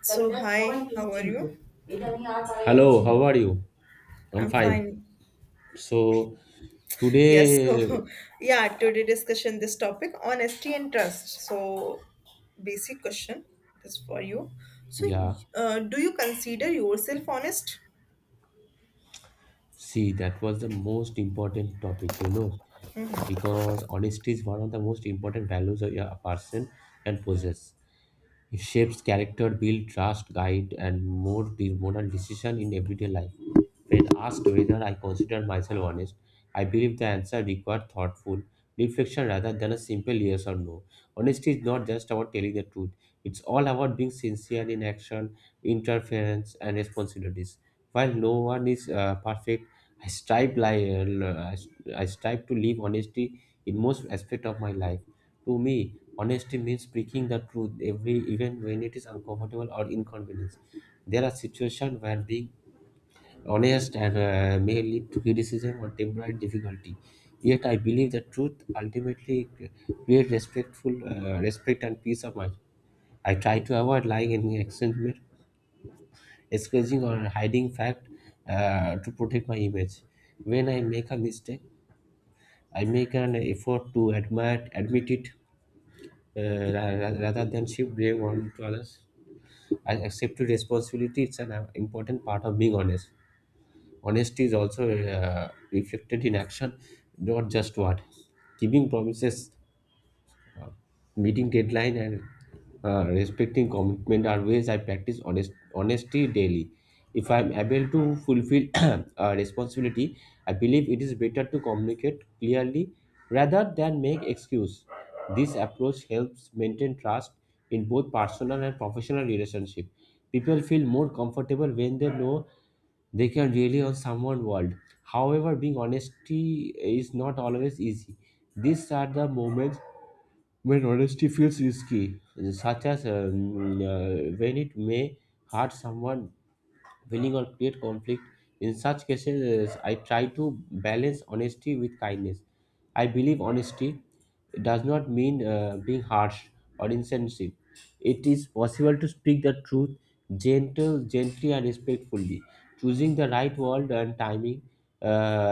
So, hi, how are you? Hello, how are you? I'm I'm fine. fine. So Yes, today, so yeah, today discussion this topic honesty and trust. So, basic question this for you. So, yeah, do you consider yourself honest? see, that was the most important topic, you know, because honesty is one of the most important values of a person and possess. It shapes character, build trust, guide, and moral decision in everyday life. When asked whether I consider myself honest, I believe the answer required thoughtful reflection rather than a simple yes or no. Honesty is not just about telling the truth, it's all about being sincere in action, interference, and responsibilities. While no one is perfect, I strive, li- uh, I strive to live honesty in most aspect of my life. To me, honesty means speaking the truth every even when it is uncomfortable or inconvenient. There are situations where being honest and may lead to criticism or temporary difficulty. Yet, I believe that truth ultimately creates respect and peace of mind. I try to avoid lying in exchange, excusing or hiding fact to protect my image. When I make a mistake, I make an effort to admit it rather than shift blame on to others. I accept responsibility; it's an important part of being honest. Honesty is also reflected in action, not just what. Keeping promises, uh, meeting deadline, and respecting commitment are ways I practice honesty daily. If I am able to fulfill a responsibility, I believe it is better to communicate clearly rather than make excuse. This approach helps maintain trust in both personal and professional relationship. People feel more comfortable when they know they can rely on someone world. However, being honesty is not always easy. These are the moments when honesty feels risky, such as when it may hurt someone winning or create conflict. In such cases, I try to balance honesty with kindness. I believe honesty does not mean being harsh or insensitive. It is possible to speak the truth gently, and respectfully. Choosing the right word and timing uh,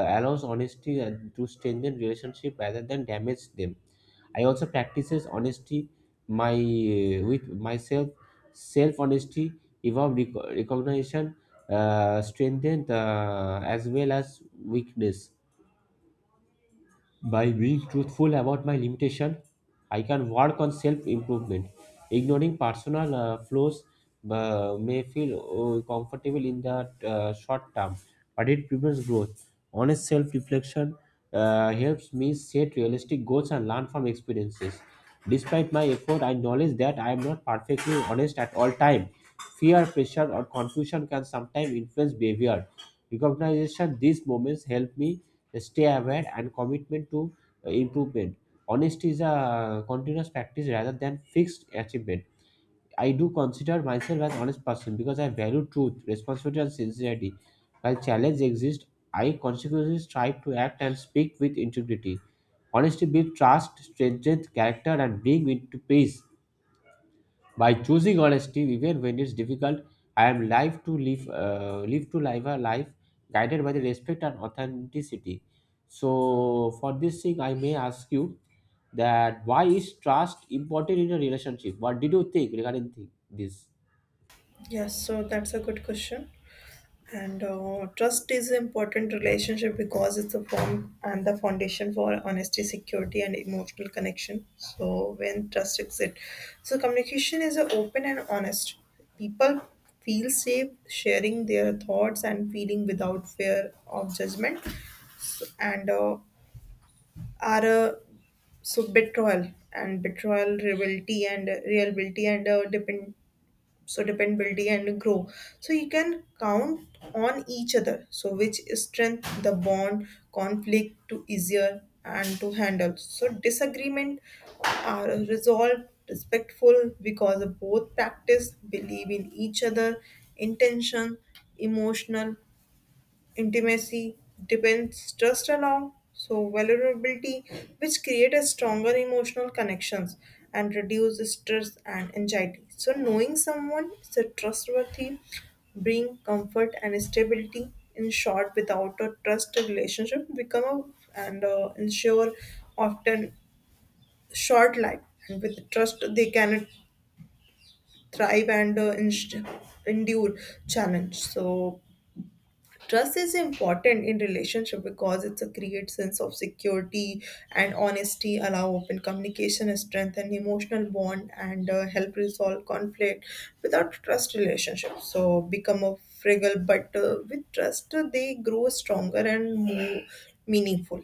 allows honesty to strengthen relationship rather than damage them. I also practices honesty my with myself, self honesty, evolve recognition, strengthen as well as weakness. By being truthful about my limitation, I can work on self-improvement. Ignoring personal flaws may feel comfortable in the short term, but it prevents growth. Honest self-reflection helps me set realistic goals and learn from experiences. Despite my effort, I acknowledge that I am not perfectly honest at all time. Fear, pressure, or confusion can sometimes influence behavior. Recognition these moments help me stay aware and commitment to improvement honesty is a continuous practice rather than fixed achievement. I do consider myself an honest person because I value truth responsibility and sincerity while challenges exist I consciously strive to act and speak with integrity honesty builds trust strengthens character and brings into peace by choosing honesty, even when it's difficult, I am live to live a life guided by the respect and authenticity. So, for this thing, I may ask you that why is trust important in a relationship? What did you think regarding this? Yes, so that's a good question. And trust is an important relationship because it's the form and the foundation for honesty, security, and emotional connection. So when trust exists, so communication is open and honest. People feel safe sharing their thoughts and feeling without fear of judgment, so, and are so betrayal, rivalry, and reliability, and depend so dependability and grow so you can count on each other so which strength the bond conflict to easier and to handle so disagreement are resolved respectful because both practice believe in each other intention emotional intimacy depends trust along so vulnerability, which create a stronger emotional connections and reduce stress and anxiety. So knowing someone is a trustworthy, bring comfort and stability. In short, without a trust, a relationship become a, and ensure often short life. And with trust, they can thrive and endure challenge. So trust is important in relationship because it's a create sense of security and honesty, allow open communication, strengthen emotional bond, and help resolve conflict. Without trust, relationships so become a fragile, but with trust, they grow stronger and more meaningful.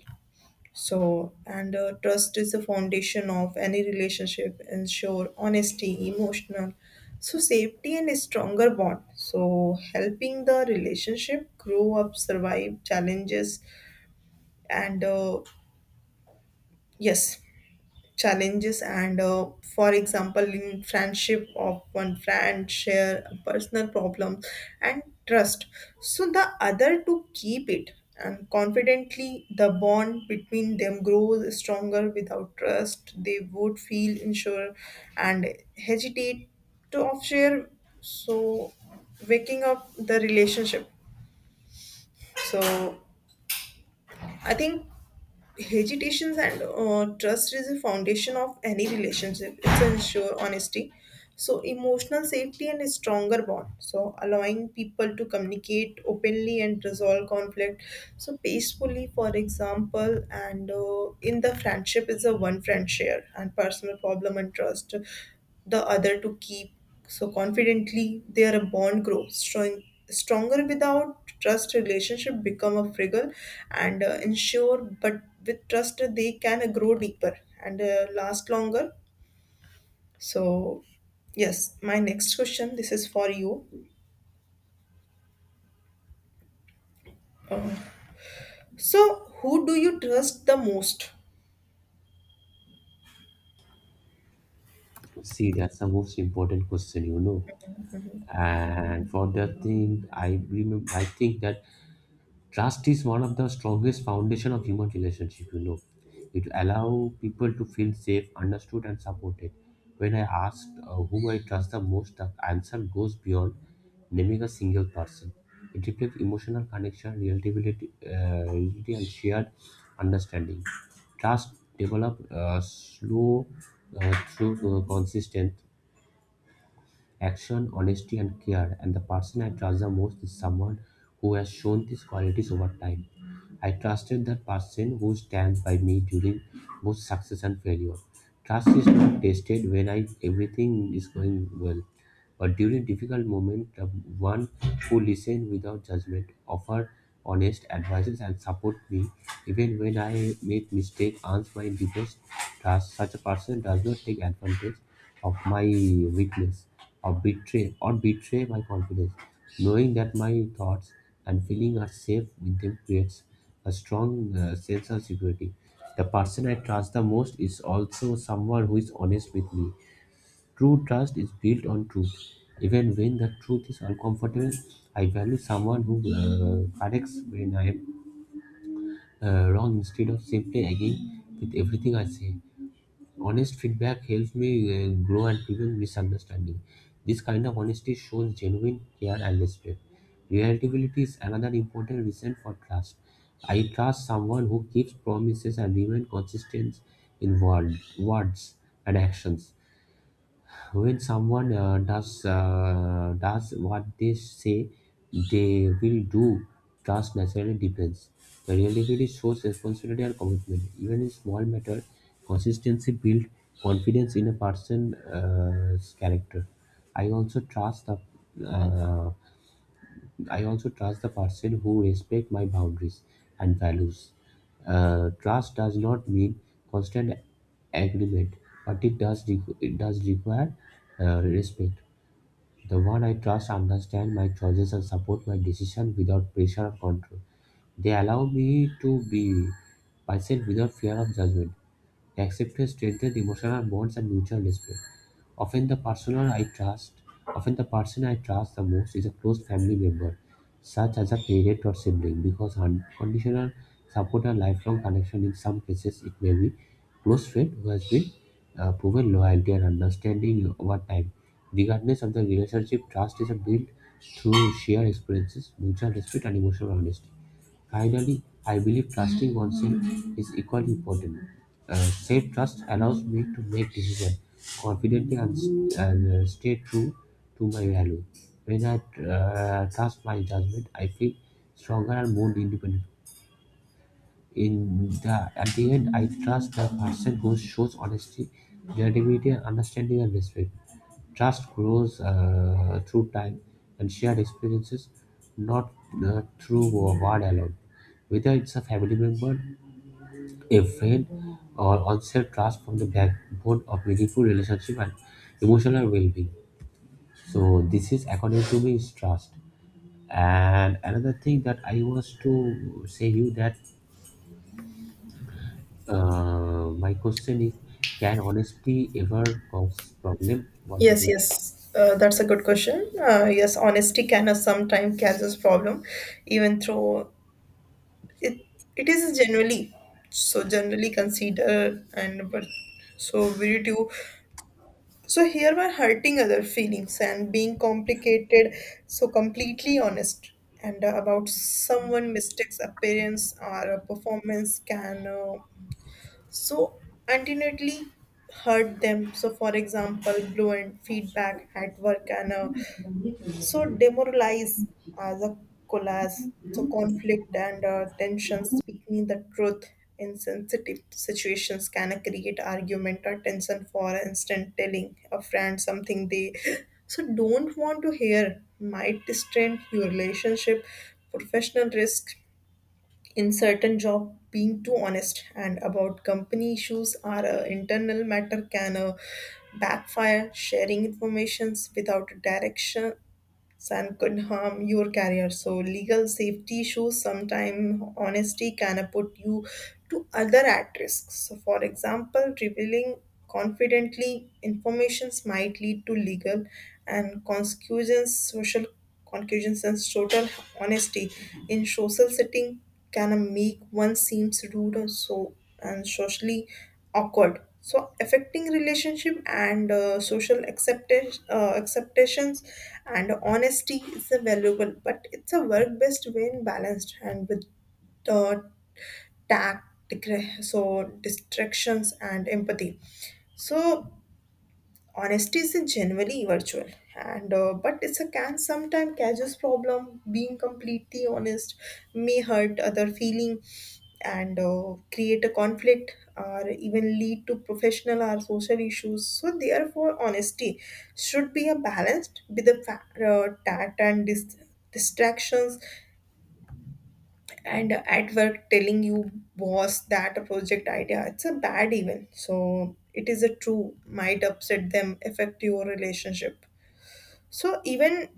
So, and trust is the foundation of any relationship, ensure honesty, emotional. So, safety and a stronger bond. So, helping the relationship grow up, survive challenges, and yes, challenges and for example in friendship of one friend share a personal problem and trust so the other to keep it and confidently the bond between them grows stronger without trust they would feel unsure and hesitate to off share so waking up the relationship so I think hesitations and trust is the foundation of any relationship it's ensure honesty so emotional safety and a stronger bond so allowing people to communicate openly and resolve conflict so peacefully for example and in the friendship is a one friend share and personal problem and trust the other to keep so confidently, their bond grows strong, stronger without trust. Relationship become a fragile and ensure, but with trust they can grow deeper and last longer. So, yes, my next question. This is for you. Uh, so, who do you trust the most? See, that's the most important question, you know. And for the thing, I remember, I think that trust is one of the strongest foundation of human relationship, you know. It allow people to feel safe, understood and supported. When I asked whom I trust the most, the answer goes beyond naming a single person. It reflects emotional connection, reality and shared understanding. Trust develop slow through consistent action, honesty, and care. And the person I trust the most is someone who has shown these qualities over time. I trusted that person who stands by me during both success and failure. Trust is not tested when I everything is going well. But during difficult moments, the one who listened without judgment, offered honest advices, and support me even when I make mistakes, answered my deepest trust. Such a person does not take advantage of my weakness or betray my confidence. Knowing that my thoughts and feelings are safe with them creates a strong sense of security. The person I trust the most is also someone who is honest with me. True trust is built on truth. Even when the truth is uncomfortable, I value someone who corrects when I am wrong instead of simply agreeing with everything I say. Honest feedback helps me grow and prevent misunderstanding. This kind of honesty shows genuine care and respect. Reliability is another important reason for trust. I trust someone who keeps promises and remains consistent in words and actions when someone does what they say they will do, trust naturally depends. The reliability shows responsibility and commitment. Even in small matter, consistency builds confidence in a person's character. I also trust the uh, I also trust the person who respect my boundaries and values. Trust does not mean constant agreement, but it does require respect. The one I trust understand my choices and support my decision without pressure or control. They allow me to be myself without fear of judgment. Acceptance strengthens emotional bonds and mutual respect. Often the person I trust, often the person I trust the most is a close family member, such as a parent or sibling, because unconditional support and lifelong connection in some cases it may be close friend who has been proven loyalty and understanding over time. Regardless of the relationship, trust is built through shared experiences, mutual respect, and emotional honesty. Finally, I believe trusting oneself is equally important. Safe trust allows me to make decisions confidently and stay true to my value. When I trust my judgment, I feel stronger and more independent. In the at the end, I trust the person who shows honesty, genuinity, and understanding and respect. Trust grows through time and shared experiences, not through word alone. Whether it's a family member, a friend, or onset trust from the backbone of meaningful relationship and emotional well-being. So this is according to me is trust. And another thing that I was to say you that my question is, can honesty ever cause problem? One, two, Yes, three. yes, that's a good question. Yes, honesty can sometimes causes problem, even though it it is generally so generally considered and but so virtue so here we're hurting other feelings and being complicated so completely honest and about someone mistakes appearance or a performance can so ultimately hurt them so for example blunt feedback at work and so demoralize as a collage so conflict and tension speaking the truth in sensitive situations can create argument or tension for instance telling a friend something they so don't want to hear might strain your relationship professional risk in certain job being too honest and about company issues are a internal matter can backfire sharing informations without direction Sam could harm your career. So legal safety issues sometimes honesty can put you to other at risk. So for example, revealing confidently informations might lead to legal and consequences social conclusions and total honesty in social setting can make one seems rude or so and socially awkward so affecting relationship and social acceptance acceptations and honesty is a valuable but it's a work best when balanced and with the tact so distractions and empathy so honesty is generally virtual and but it's a can sometimes causes problem being completely honest may hurt other feeling and create a conflict or even lead to professional or social issues so therefore honesty should be a balanced with the tact and distractions and at work telling you boss that a project idea it's a bad even so it is a true might upset them affect your relationship so even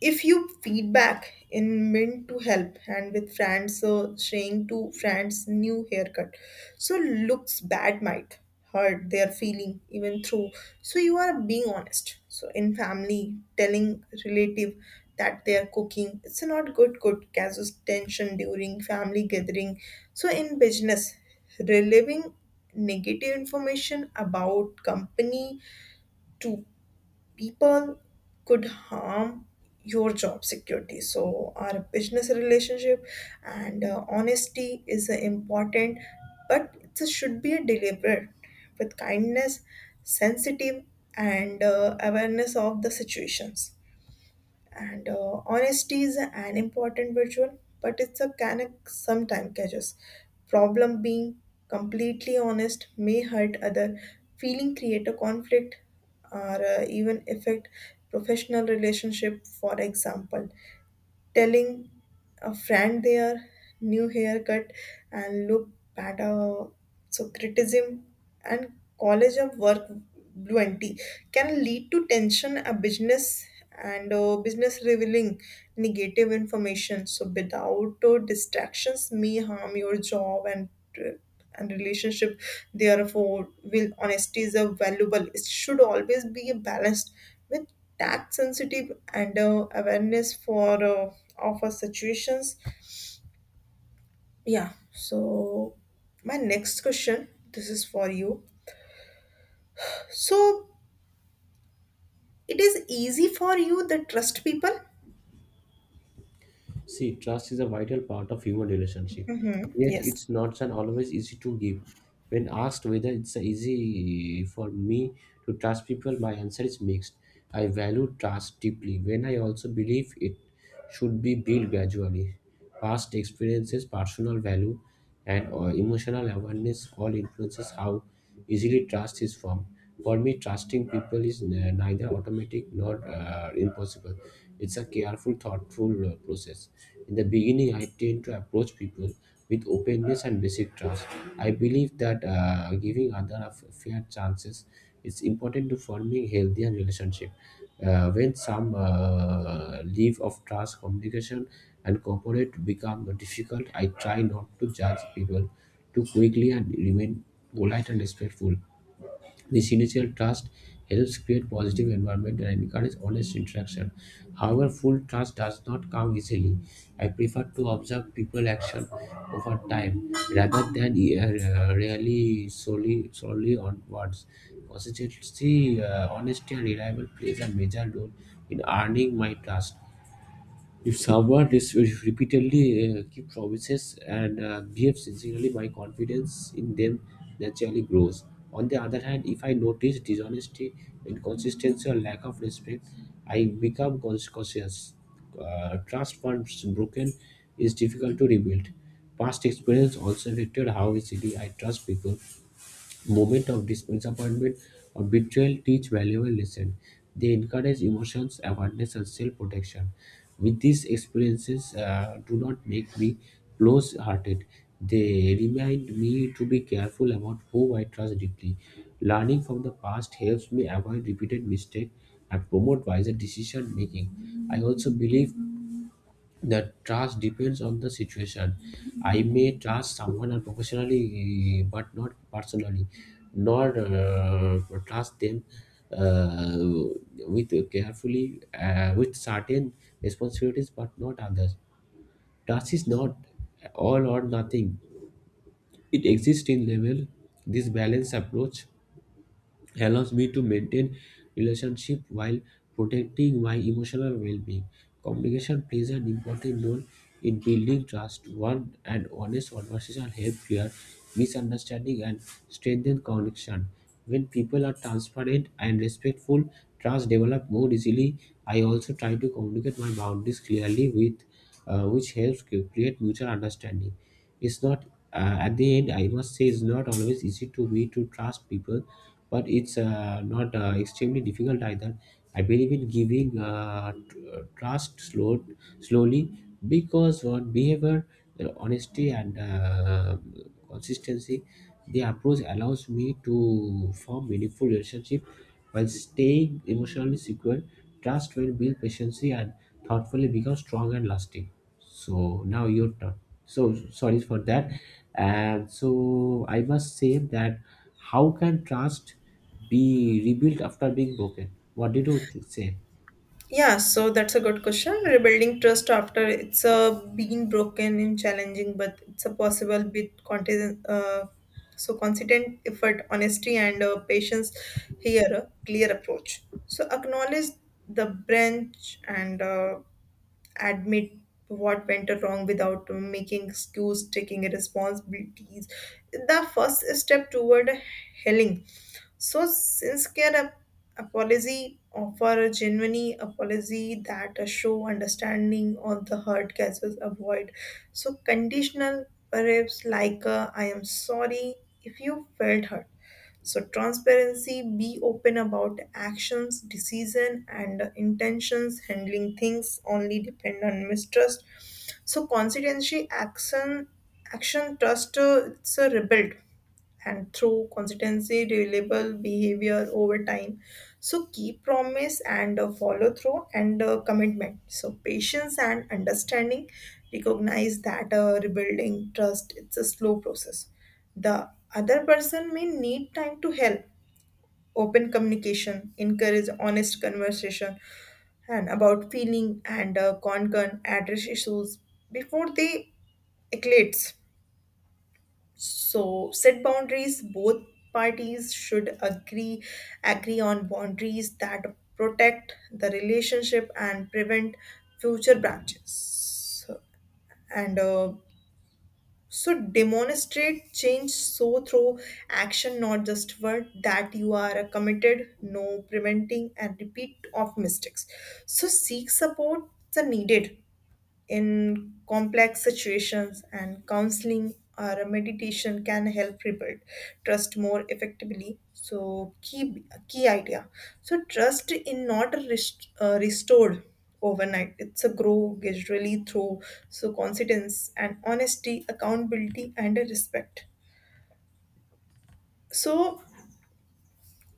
if you feedback in meant to help and with friends saying to friends new haircut so looks bad might hurt their feeling even through so you are being honest so in family telling relative that they are cooking it's not good causes tension during family gathering so in business reliving negative information about company to people could harm your job security so our business relationship and honesty is important but it should be a deliberate with kindness sensitive and awareness of the situations and honesty is an important virtue but it's a can sometimes catches problem being completely honest may hurt other feeling create a conflict or even affect professional relationship for example telling a friend their new haircut and look better so criticism and college of work bluenty can lead to tension a business and business revealing negative information so without distractions may harm your job uh, and relationship therefore will honesty is a valuable it should always be balanced with tax sensitive and awareness for of our situations yeah so my next question this is for you so it is easy for you that trust people See, trust is a vital part of human relationship. Yet yes. it's not an always easy to give. When asked whether it's easy for me to trust people, my answer is mixed. I value trust deeply when I also believe it should be built gradually. Past experiences, personal value, and emotional awareness all influences how easily trust is formed. For me, trusting people is neither automatic nor impossible. It's a careful, thoughtful process. In the beginning, I tend to approach people with openness and basic trust. I believe that giving other a fair chances is important to forming healthier relationship. When some leave of trust, communication and cooperate become difficult, I try not to judge people too quickly and remain polite and respectful. This initial trust helps create positive environment and encourage honest interaction. However, full trust does not come easily. I prefer to observe people action over time rather than really solely solely on words. Consistency, honesty, and reliable plays a major role in earning my trust. If someone repeatedly keeps promises and behaves sincerely, my confidence in them naturally grows. On the other hand, if I notice dishonesty, inconsistency, or lack of respect, I become cautious. Trust once broken is difficult to rebuild. Past experience also affected how easily I trust people. Moment of disappointment or betrayal teach valuable lessons. They encourage emotions, awareness, and self-protection. With these experiences, do not make me close-hearted. They remind me to be careful about who I trust deeply. Learning from the past helps me avoid repeated mistakes and promote wiser decision making. I also believe the trust depends on the situation. I may trust someone and professionally, but not personally. Nor trust them uh, with carefully with certain responsibilities, but not others. Trust is not all or nothing. It exists in level. This balanced approach allows me to maintain relationship while protecting my emotional well-being. Communication plays an important role in building trust. One and honest conversation help clear misunderstanding and strengthen connection. When people are transparent and respectful, trust develops more easily. I also try to communicate my boundaries clearly with which helps create mutual understanding. It's not at the end I must say it's not always easy to me to trust people but it's not extremely difficult either. I believe in giving trust slowly because on behavior, honesty, and consistency, the approach allows me to form meaningful relationship while staying emotionally secure. Trust will build patiently and thoughtfully become strong and lasting. So now your turn. So sorry for that. And so I must say that, how can trust be rebuilt after being broken? What did you say? Yeah, so that's a good question. Rebuilding trust after it's been broken in challenging, but it's a possible bit content. So consistent effort, honesty, and patience. Here, a clear approach. So acknowledge the branch and admit what went wrong without making excuse taking responsibilities the first step toward healing so apology offer a genuine apology that show understanding on the hurt cases avoid so conditional perhaps like I am sorry if you felt hurt so transparency, be open about actions, decision, and intentions. Handling things only depend on mistrust. So constituency action, action trust. It's a rebuild and through consistency, reliable behavior over time. So keep promise and follow through and commitment. So patience and understanding recognize that rebuilding trust it's a slow process. The other person may need time to help. Open communication, encourage honest conversation, and about feeling and concern address issues before they escalate so set boundaries both parties should agree on boundaries that protect the relationship and prevent future branches so and so demonstrate change so through action not just word that you are committed no preventing and repeat of mistakes so seek support the needed in complex situations, and counseling or a meditation can help rebuild trust more effectively. So, key idea. So, trust in not restored overnight. It's a grow gradually through so confidence and honesty, accountability, and a respect. So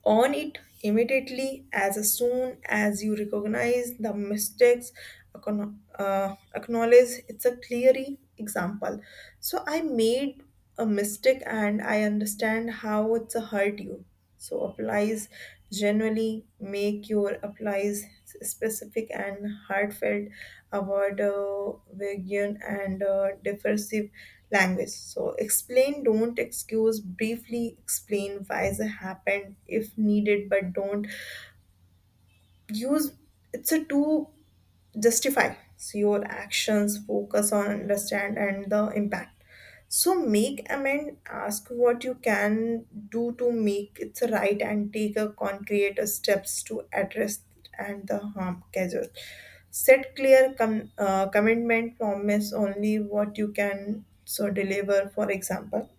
on it immediately as soon as you recognize the mistakes acknowledge it's a clear example so I made a mistake and I understand how it's hurt you so applies generally make your applies specific and heartfelt about vague and differentiative language. So explain, don't excuse, briefly explain why it happened if needed, but don't use it's a to justify so your actions focus on understand and the impact so make amend, ask what you can do to make it right and take a concrete steps to address and the harm caused. Set clear commitment, promise only what you can so deliver, for example.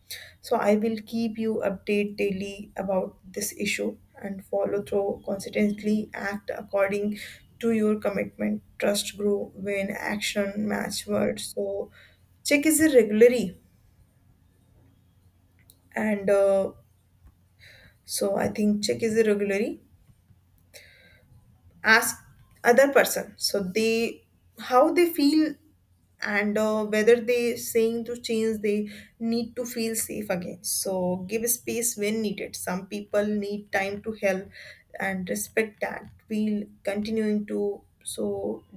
So I will keep you update daily about this issue and follow through consistently act according to your commitment. Trust grow when action match words. So check is it regularly and so I think check is irregularly ask other person so they how they feel and whether they saying to change they need to feel safe again so give space when needed some people need time to help and respect that we'll continuing to so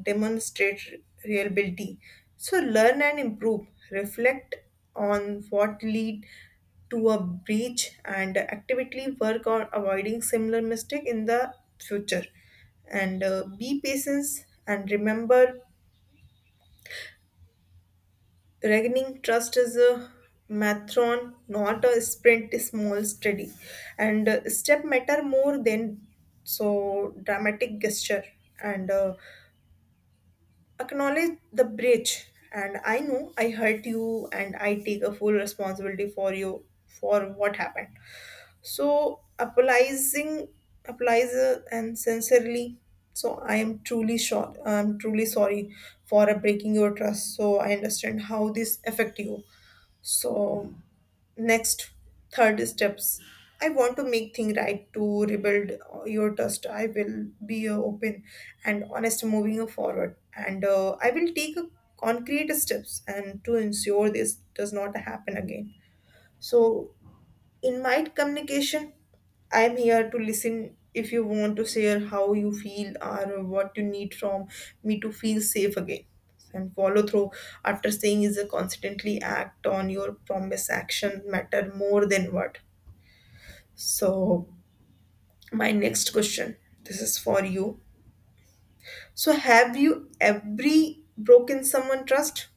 demonstrate reliability so learn and improve reflect on what lead to a breach and actively work on avoiding similar mistake in the future and be patient and remember regaining trust is a marathon, not a sprint, a small, steady. And step matter more than so dramatic gesture. And acknowledge the breach. And I know I hurt you, and I take a full responsibility for you for what happened. So apologizing, applies and sincerely. So I am truly sure. I'm truly sorry for breaking your trust. So I understand how this affect you so next, third steps. I want to make thing right to rebuild your trust. I will be open and honest moving forward, and I will take a concrete steps and to ensure this does not happen again. So in my communication, I'm here to listen if you want to share how you feel or what you need from me to feel safe again. And follow through after saying is a constantly act on your promise action matter more than word. So my next question, this is for you. So have you every broken someone trust?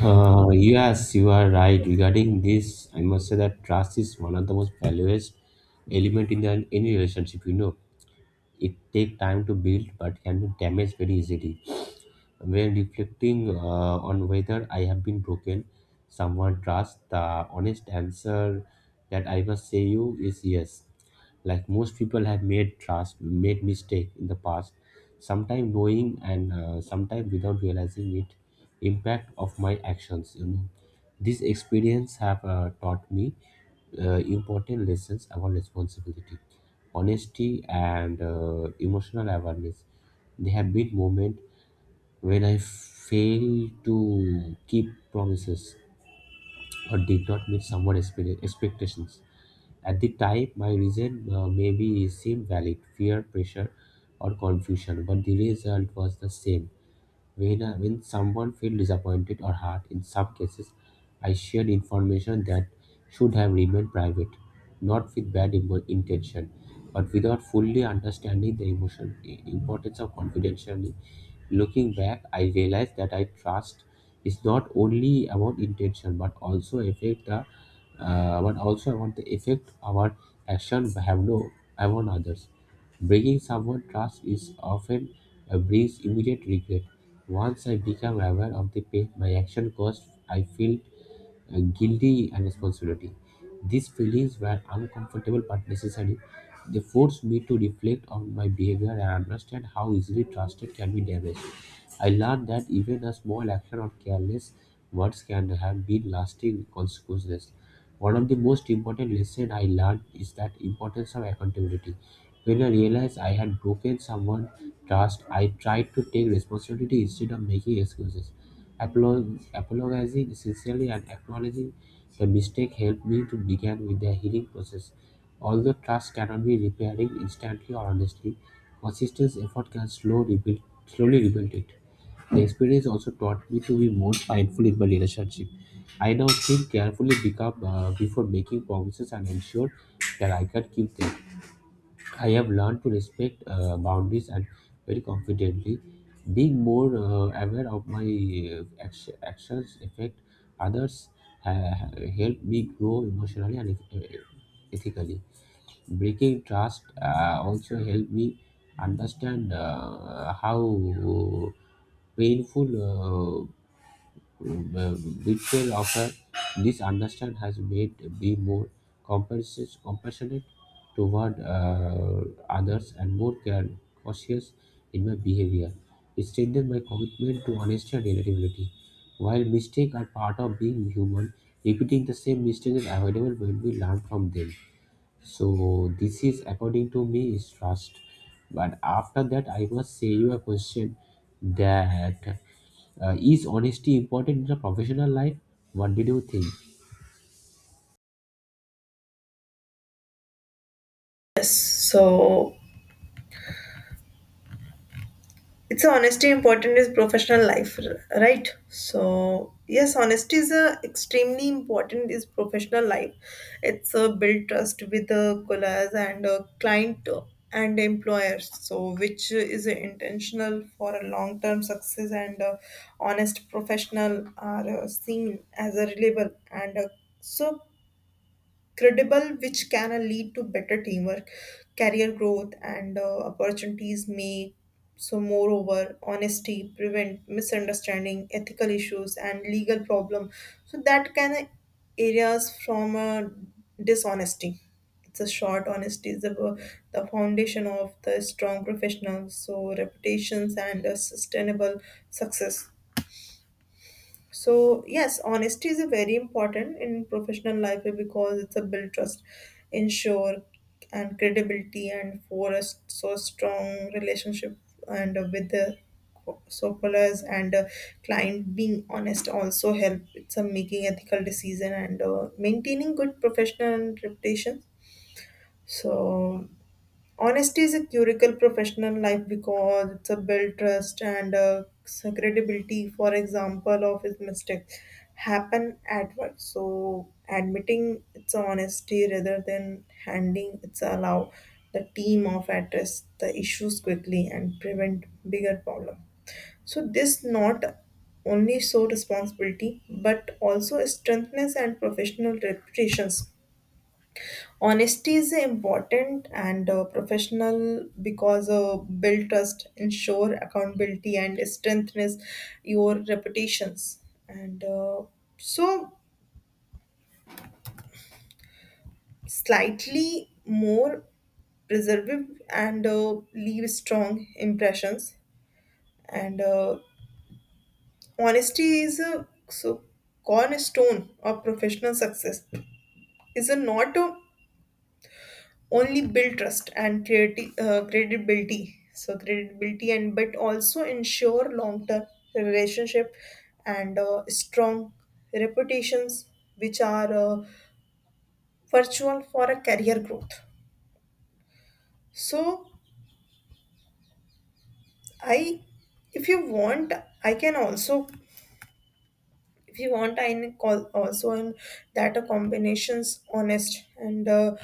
Yes, you are right. Regarding this, I must say that trust is one of the most valuable element in the, any relationship. You know, it take time to build, but can be damaged very easily. When reflecting on whether I have been broken, someone trust, the honest answer that I must say you is yes. Like most people have made trust, made mistake in the past, sometimes knowing and sometimes without realizing it, impact of my actions. You know, this experience have taught me important lessons about responsibility, honesty, and emotional awareness. They have been moments when I failed to keep promises or did not meet someone's expectations. At the time, my reason maybe seemed valid fear, pressure, or confusion, but the result was the same. When someone felt disappointed or hurt, in some cases, I shared information that should have remained private, not with intention, but without fully understanding the emotion, importance of confidentiality. Looking back, I realized that I trust is not only about intention but also affect the but also about the effect our action have no have on others. Breaking someone trust is often brings immediate regret. Once I become aware of the pain my action caused, I feel guilty and responsibility. These feelings were uncomfortable but necessary. They forced me to reflect on my behavior and understand how easily trusted can be damaged. I learned that even a small action or careless words can have been lasting consequences. One of the most important lessons I learned is that importance of accountability. When I realized I had broken someone's trust, I tried to take responsibility instead of making excuses. Apologizing sincerely and acknowledging the mistake helped me to begin with the healing process. Although trust cannot be repaired instantly or honestly, consistent effort can slowly rebuild it. The experience also taught me to be more mindful in my relationship. I now think carefully before making promises and ensure that I can keep them. I have learned to respect boundaries and very confidently, being more aware of my actions affect others. Uh, Help me grow emotionally and ethically, breaking trust also helped me understand how painful uh, betrayal of her. This understand has made me more compassionate toward others and more cautious in my behavior. It strengthened my commitment to honesty and reliability. While mistakes are part of being human, repeating the same mistake is avoidable when we learn from them. So this is according to me is trust. But after that, I must say you a question that, is honesty important in the professional life? What did you think? Yes. So it's honesty important is professional life right so yes honesty is a extremely important is professional life it's a build trust with the colleagues and a client and employers so which is intentional for a long term success and honest professional are seen as a reliable and so credible, which can lead to better teamwork, career growth, and opportunities. May so, moreover, honesty prevent misunderstanding, ethical issues, and legal problem. So that can areas from dishonesty. It's a short honesty is the foundation of the strong professionals. So reputations and sustainable success. So yes, honesty is a very important in professional life because it's a build trust, ensure and credibility and for forest so strong relationship and with the suppliers and client being honest also help it's a making ethical decision and maintaining good professional reputation so honesty is a curical professional life because it's a build trust and credibility. For example, of his mistakes happen at work, so admitting its honesty rather than handing it's allow the team of address the issues quickly and prevent bigger problem. So this not only show responsibility but also strengthens and professional reputations. Honesty is important and professional because build trust, ensure accountability, and strengthens your reputations. And so, slightly more preservative and leave strong impressions. And honesty is a so cornerstone of professional success. Is a not a only build trust and credibility so credibility and but also ensure long term relationship and strong reputations which are virtual for a career growth so I if you want I can also if you want I can call also in that a combinations honest and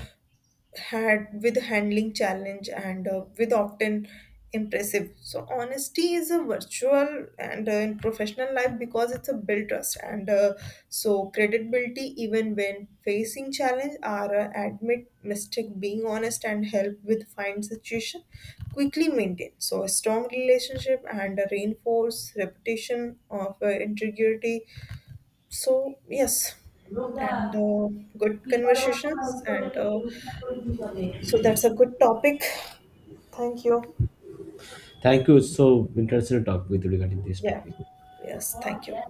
had with handling challenge and with often impressive so honesty is a virtual and in professional life because it's a built trust and so credibility even when facing challenge are admit mistake being honest and help with find situation quickly maintain so a strong relationship and a reinforce reputation of integrity so, yes, and good conversations. And so, that's a good topic. Thank you. Thank you. It's so interesting to talk with you regarding this Yeah. topic. Yes. Thank you.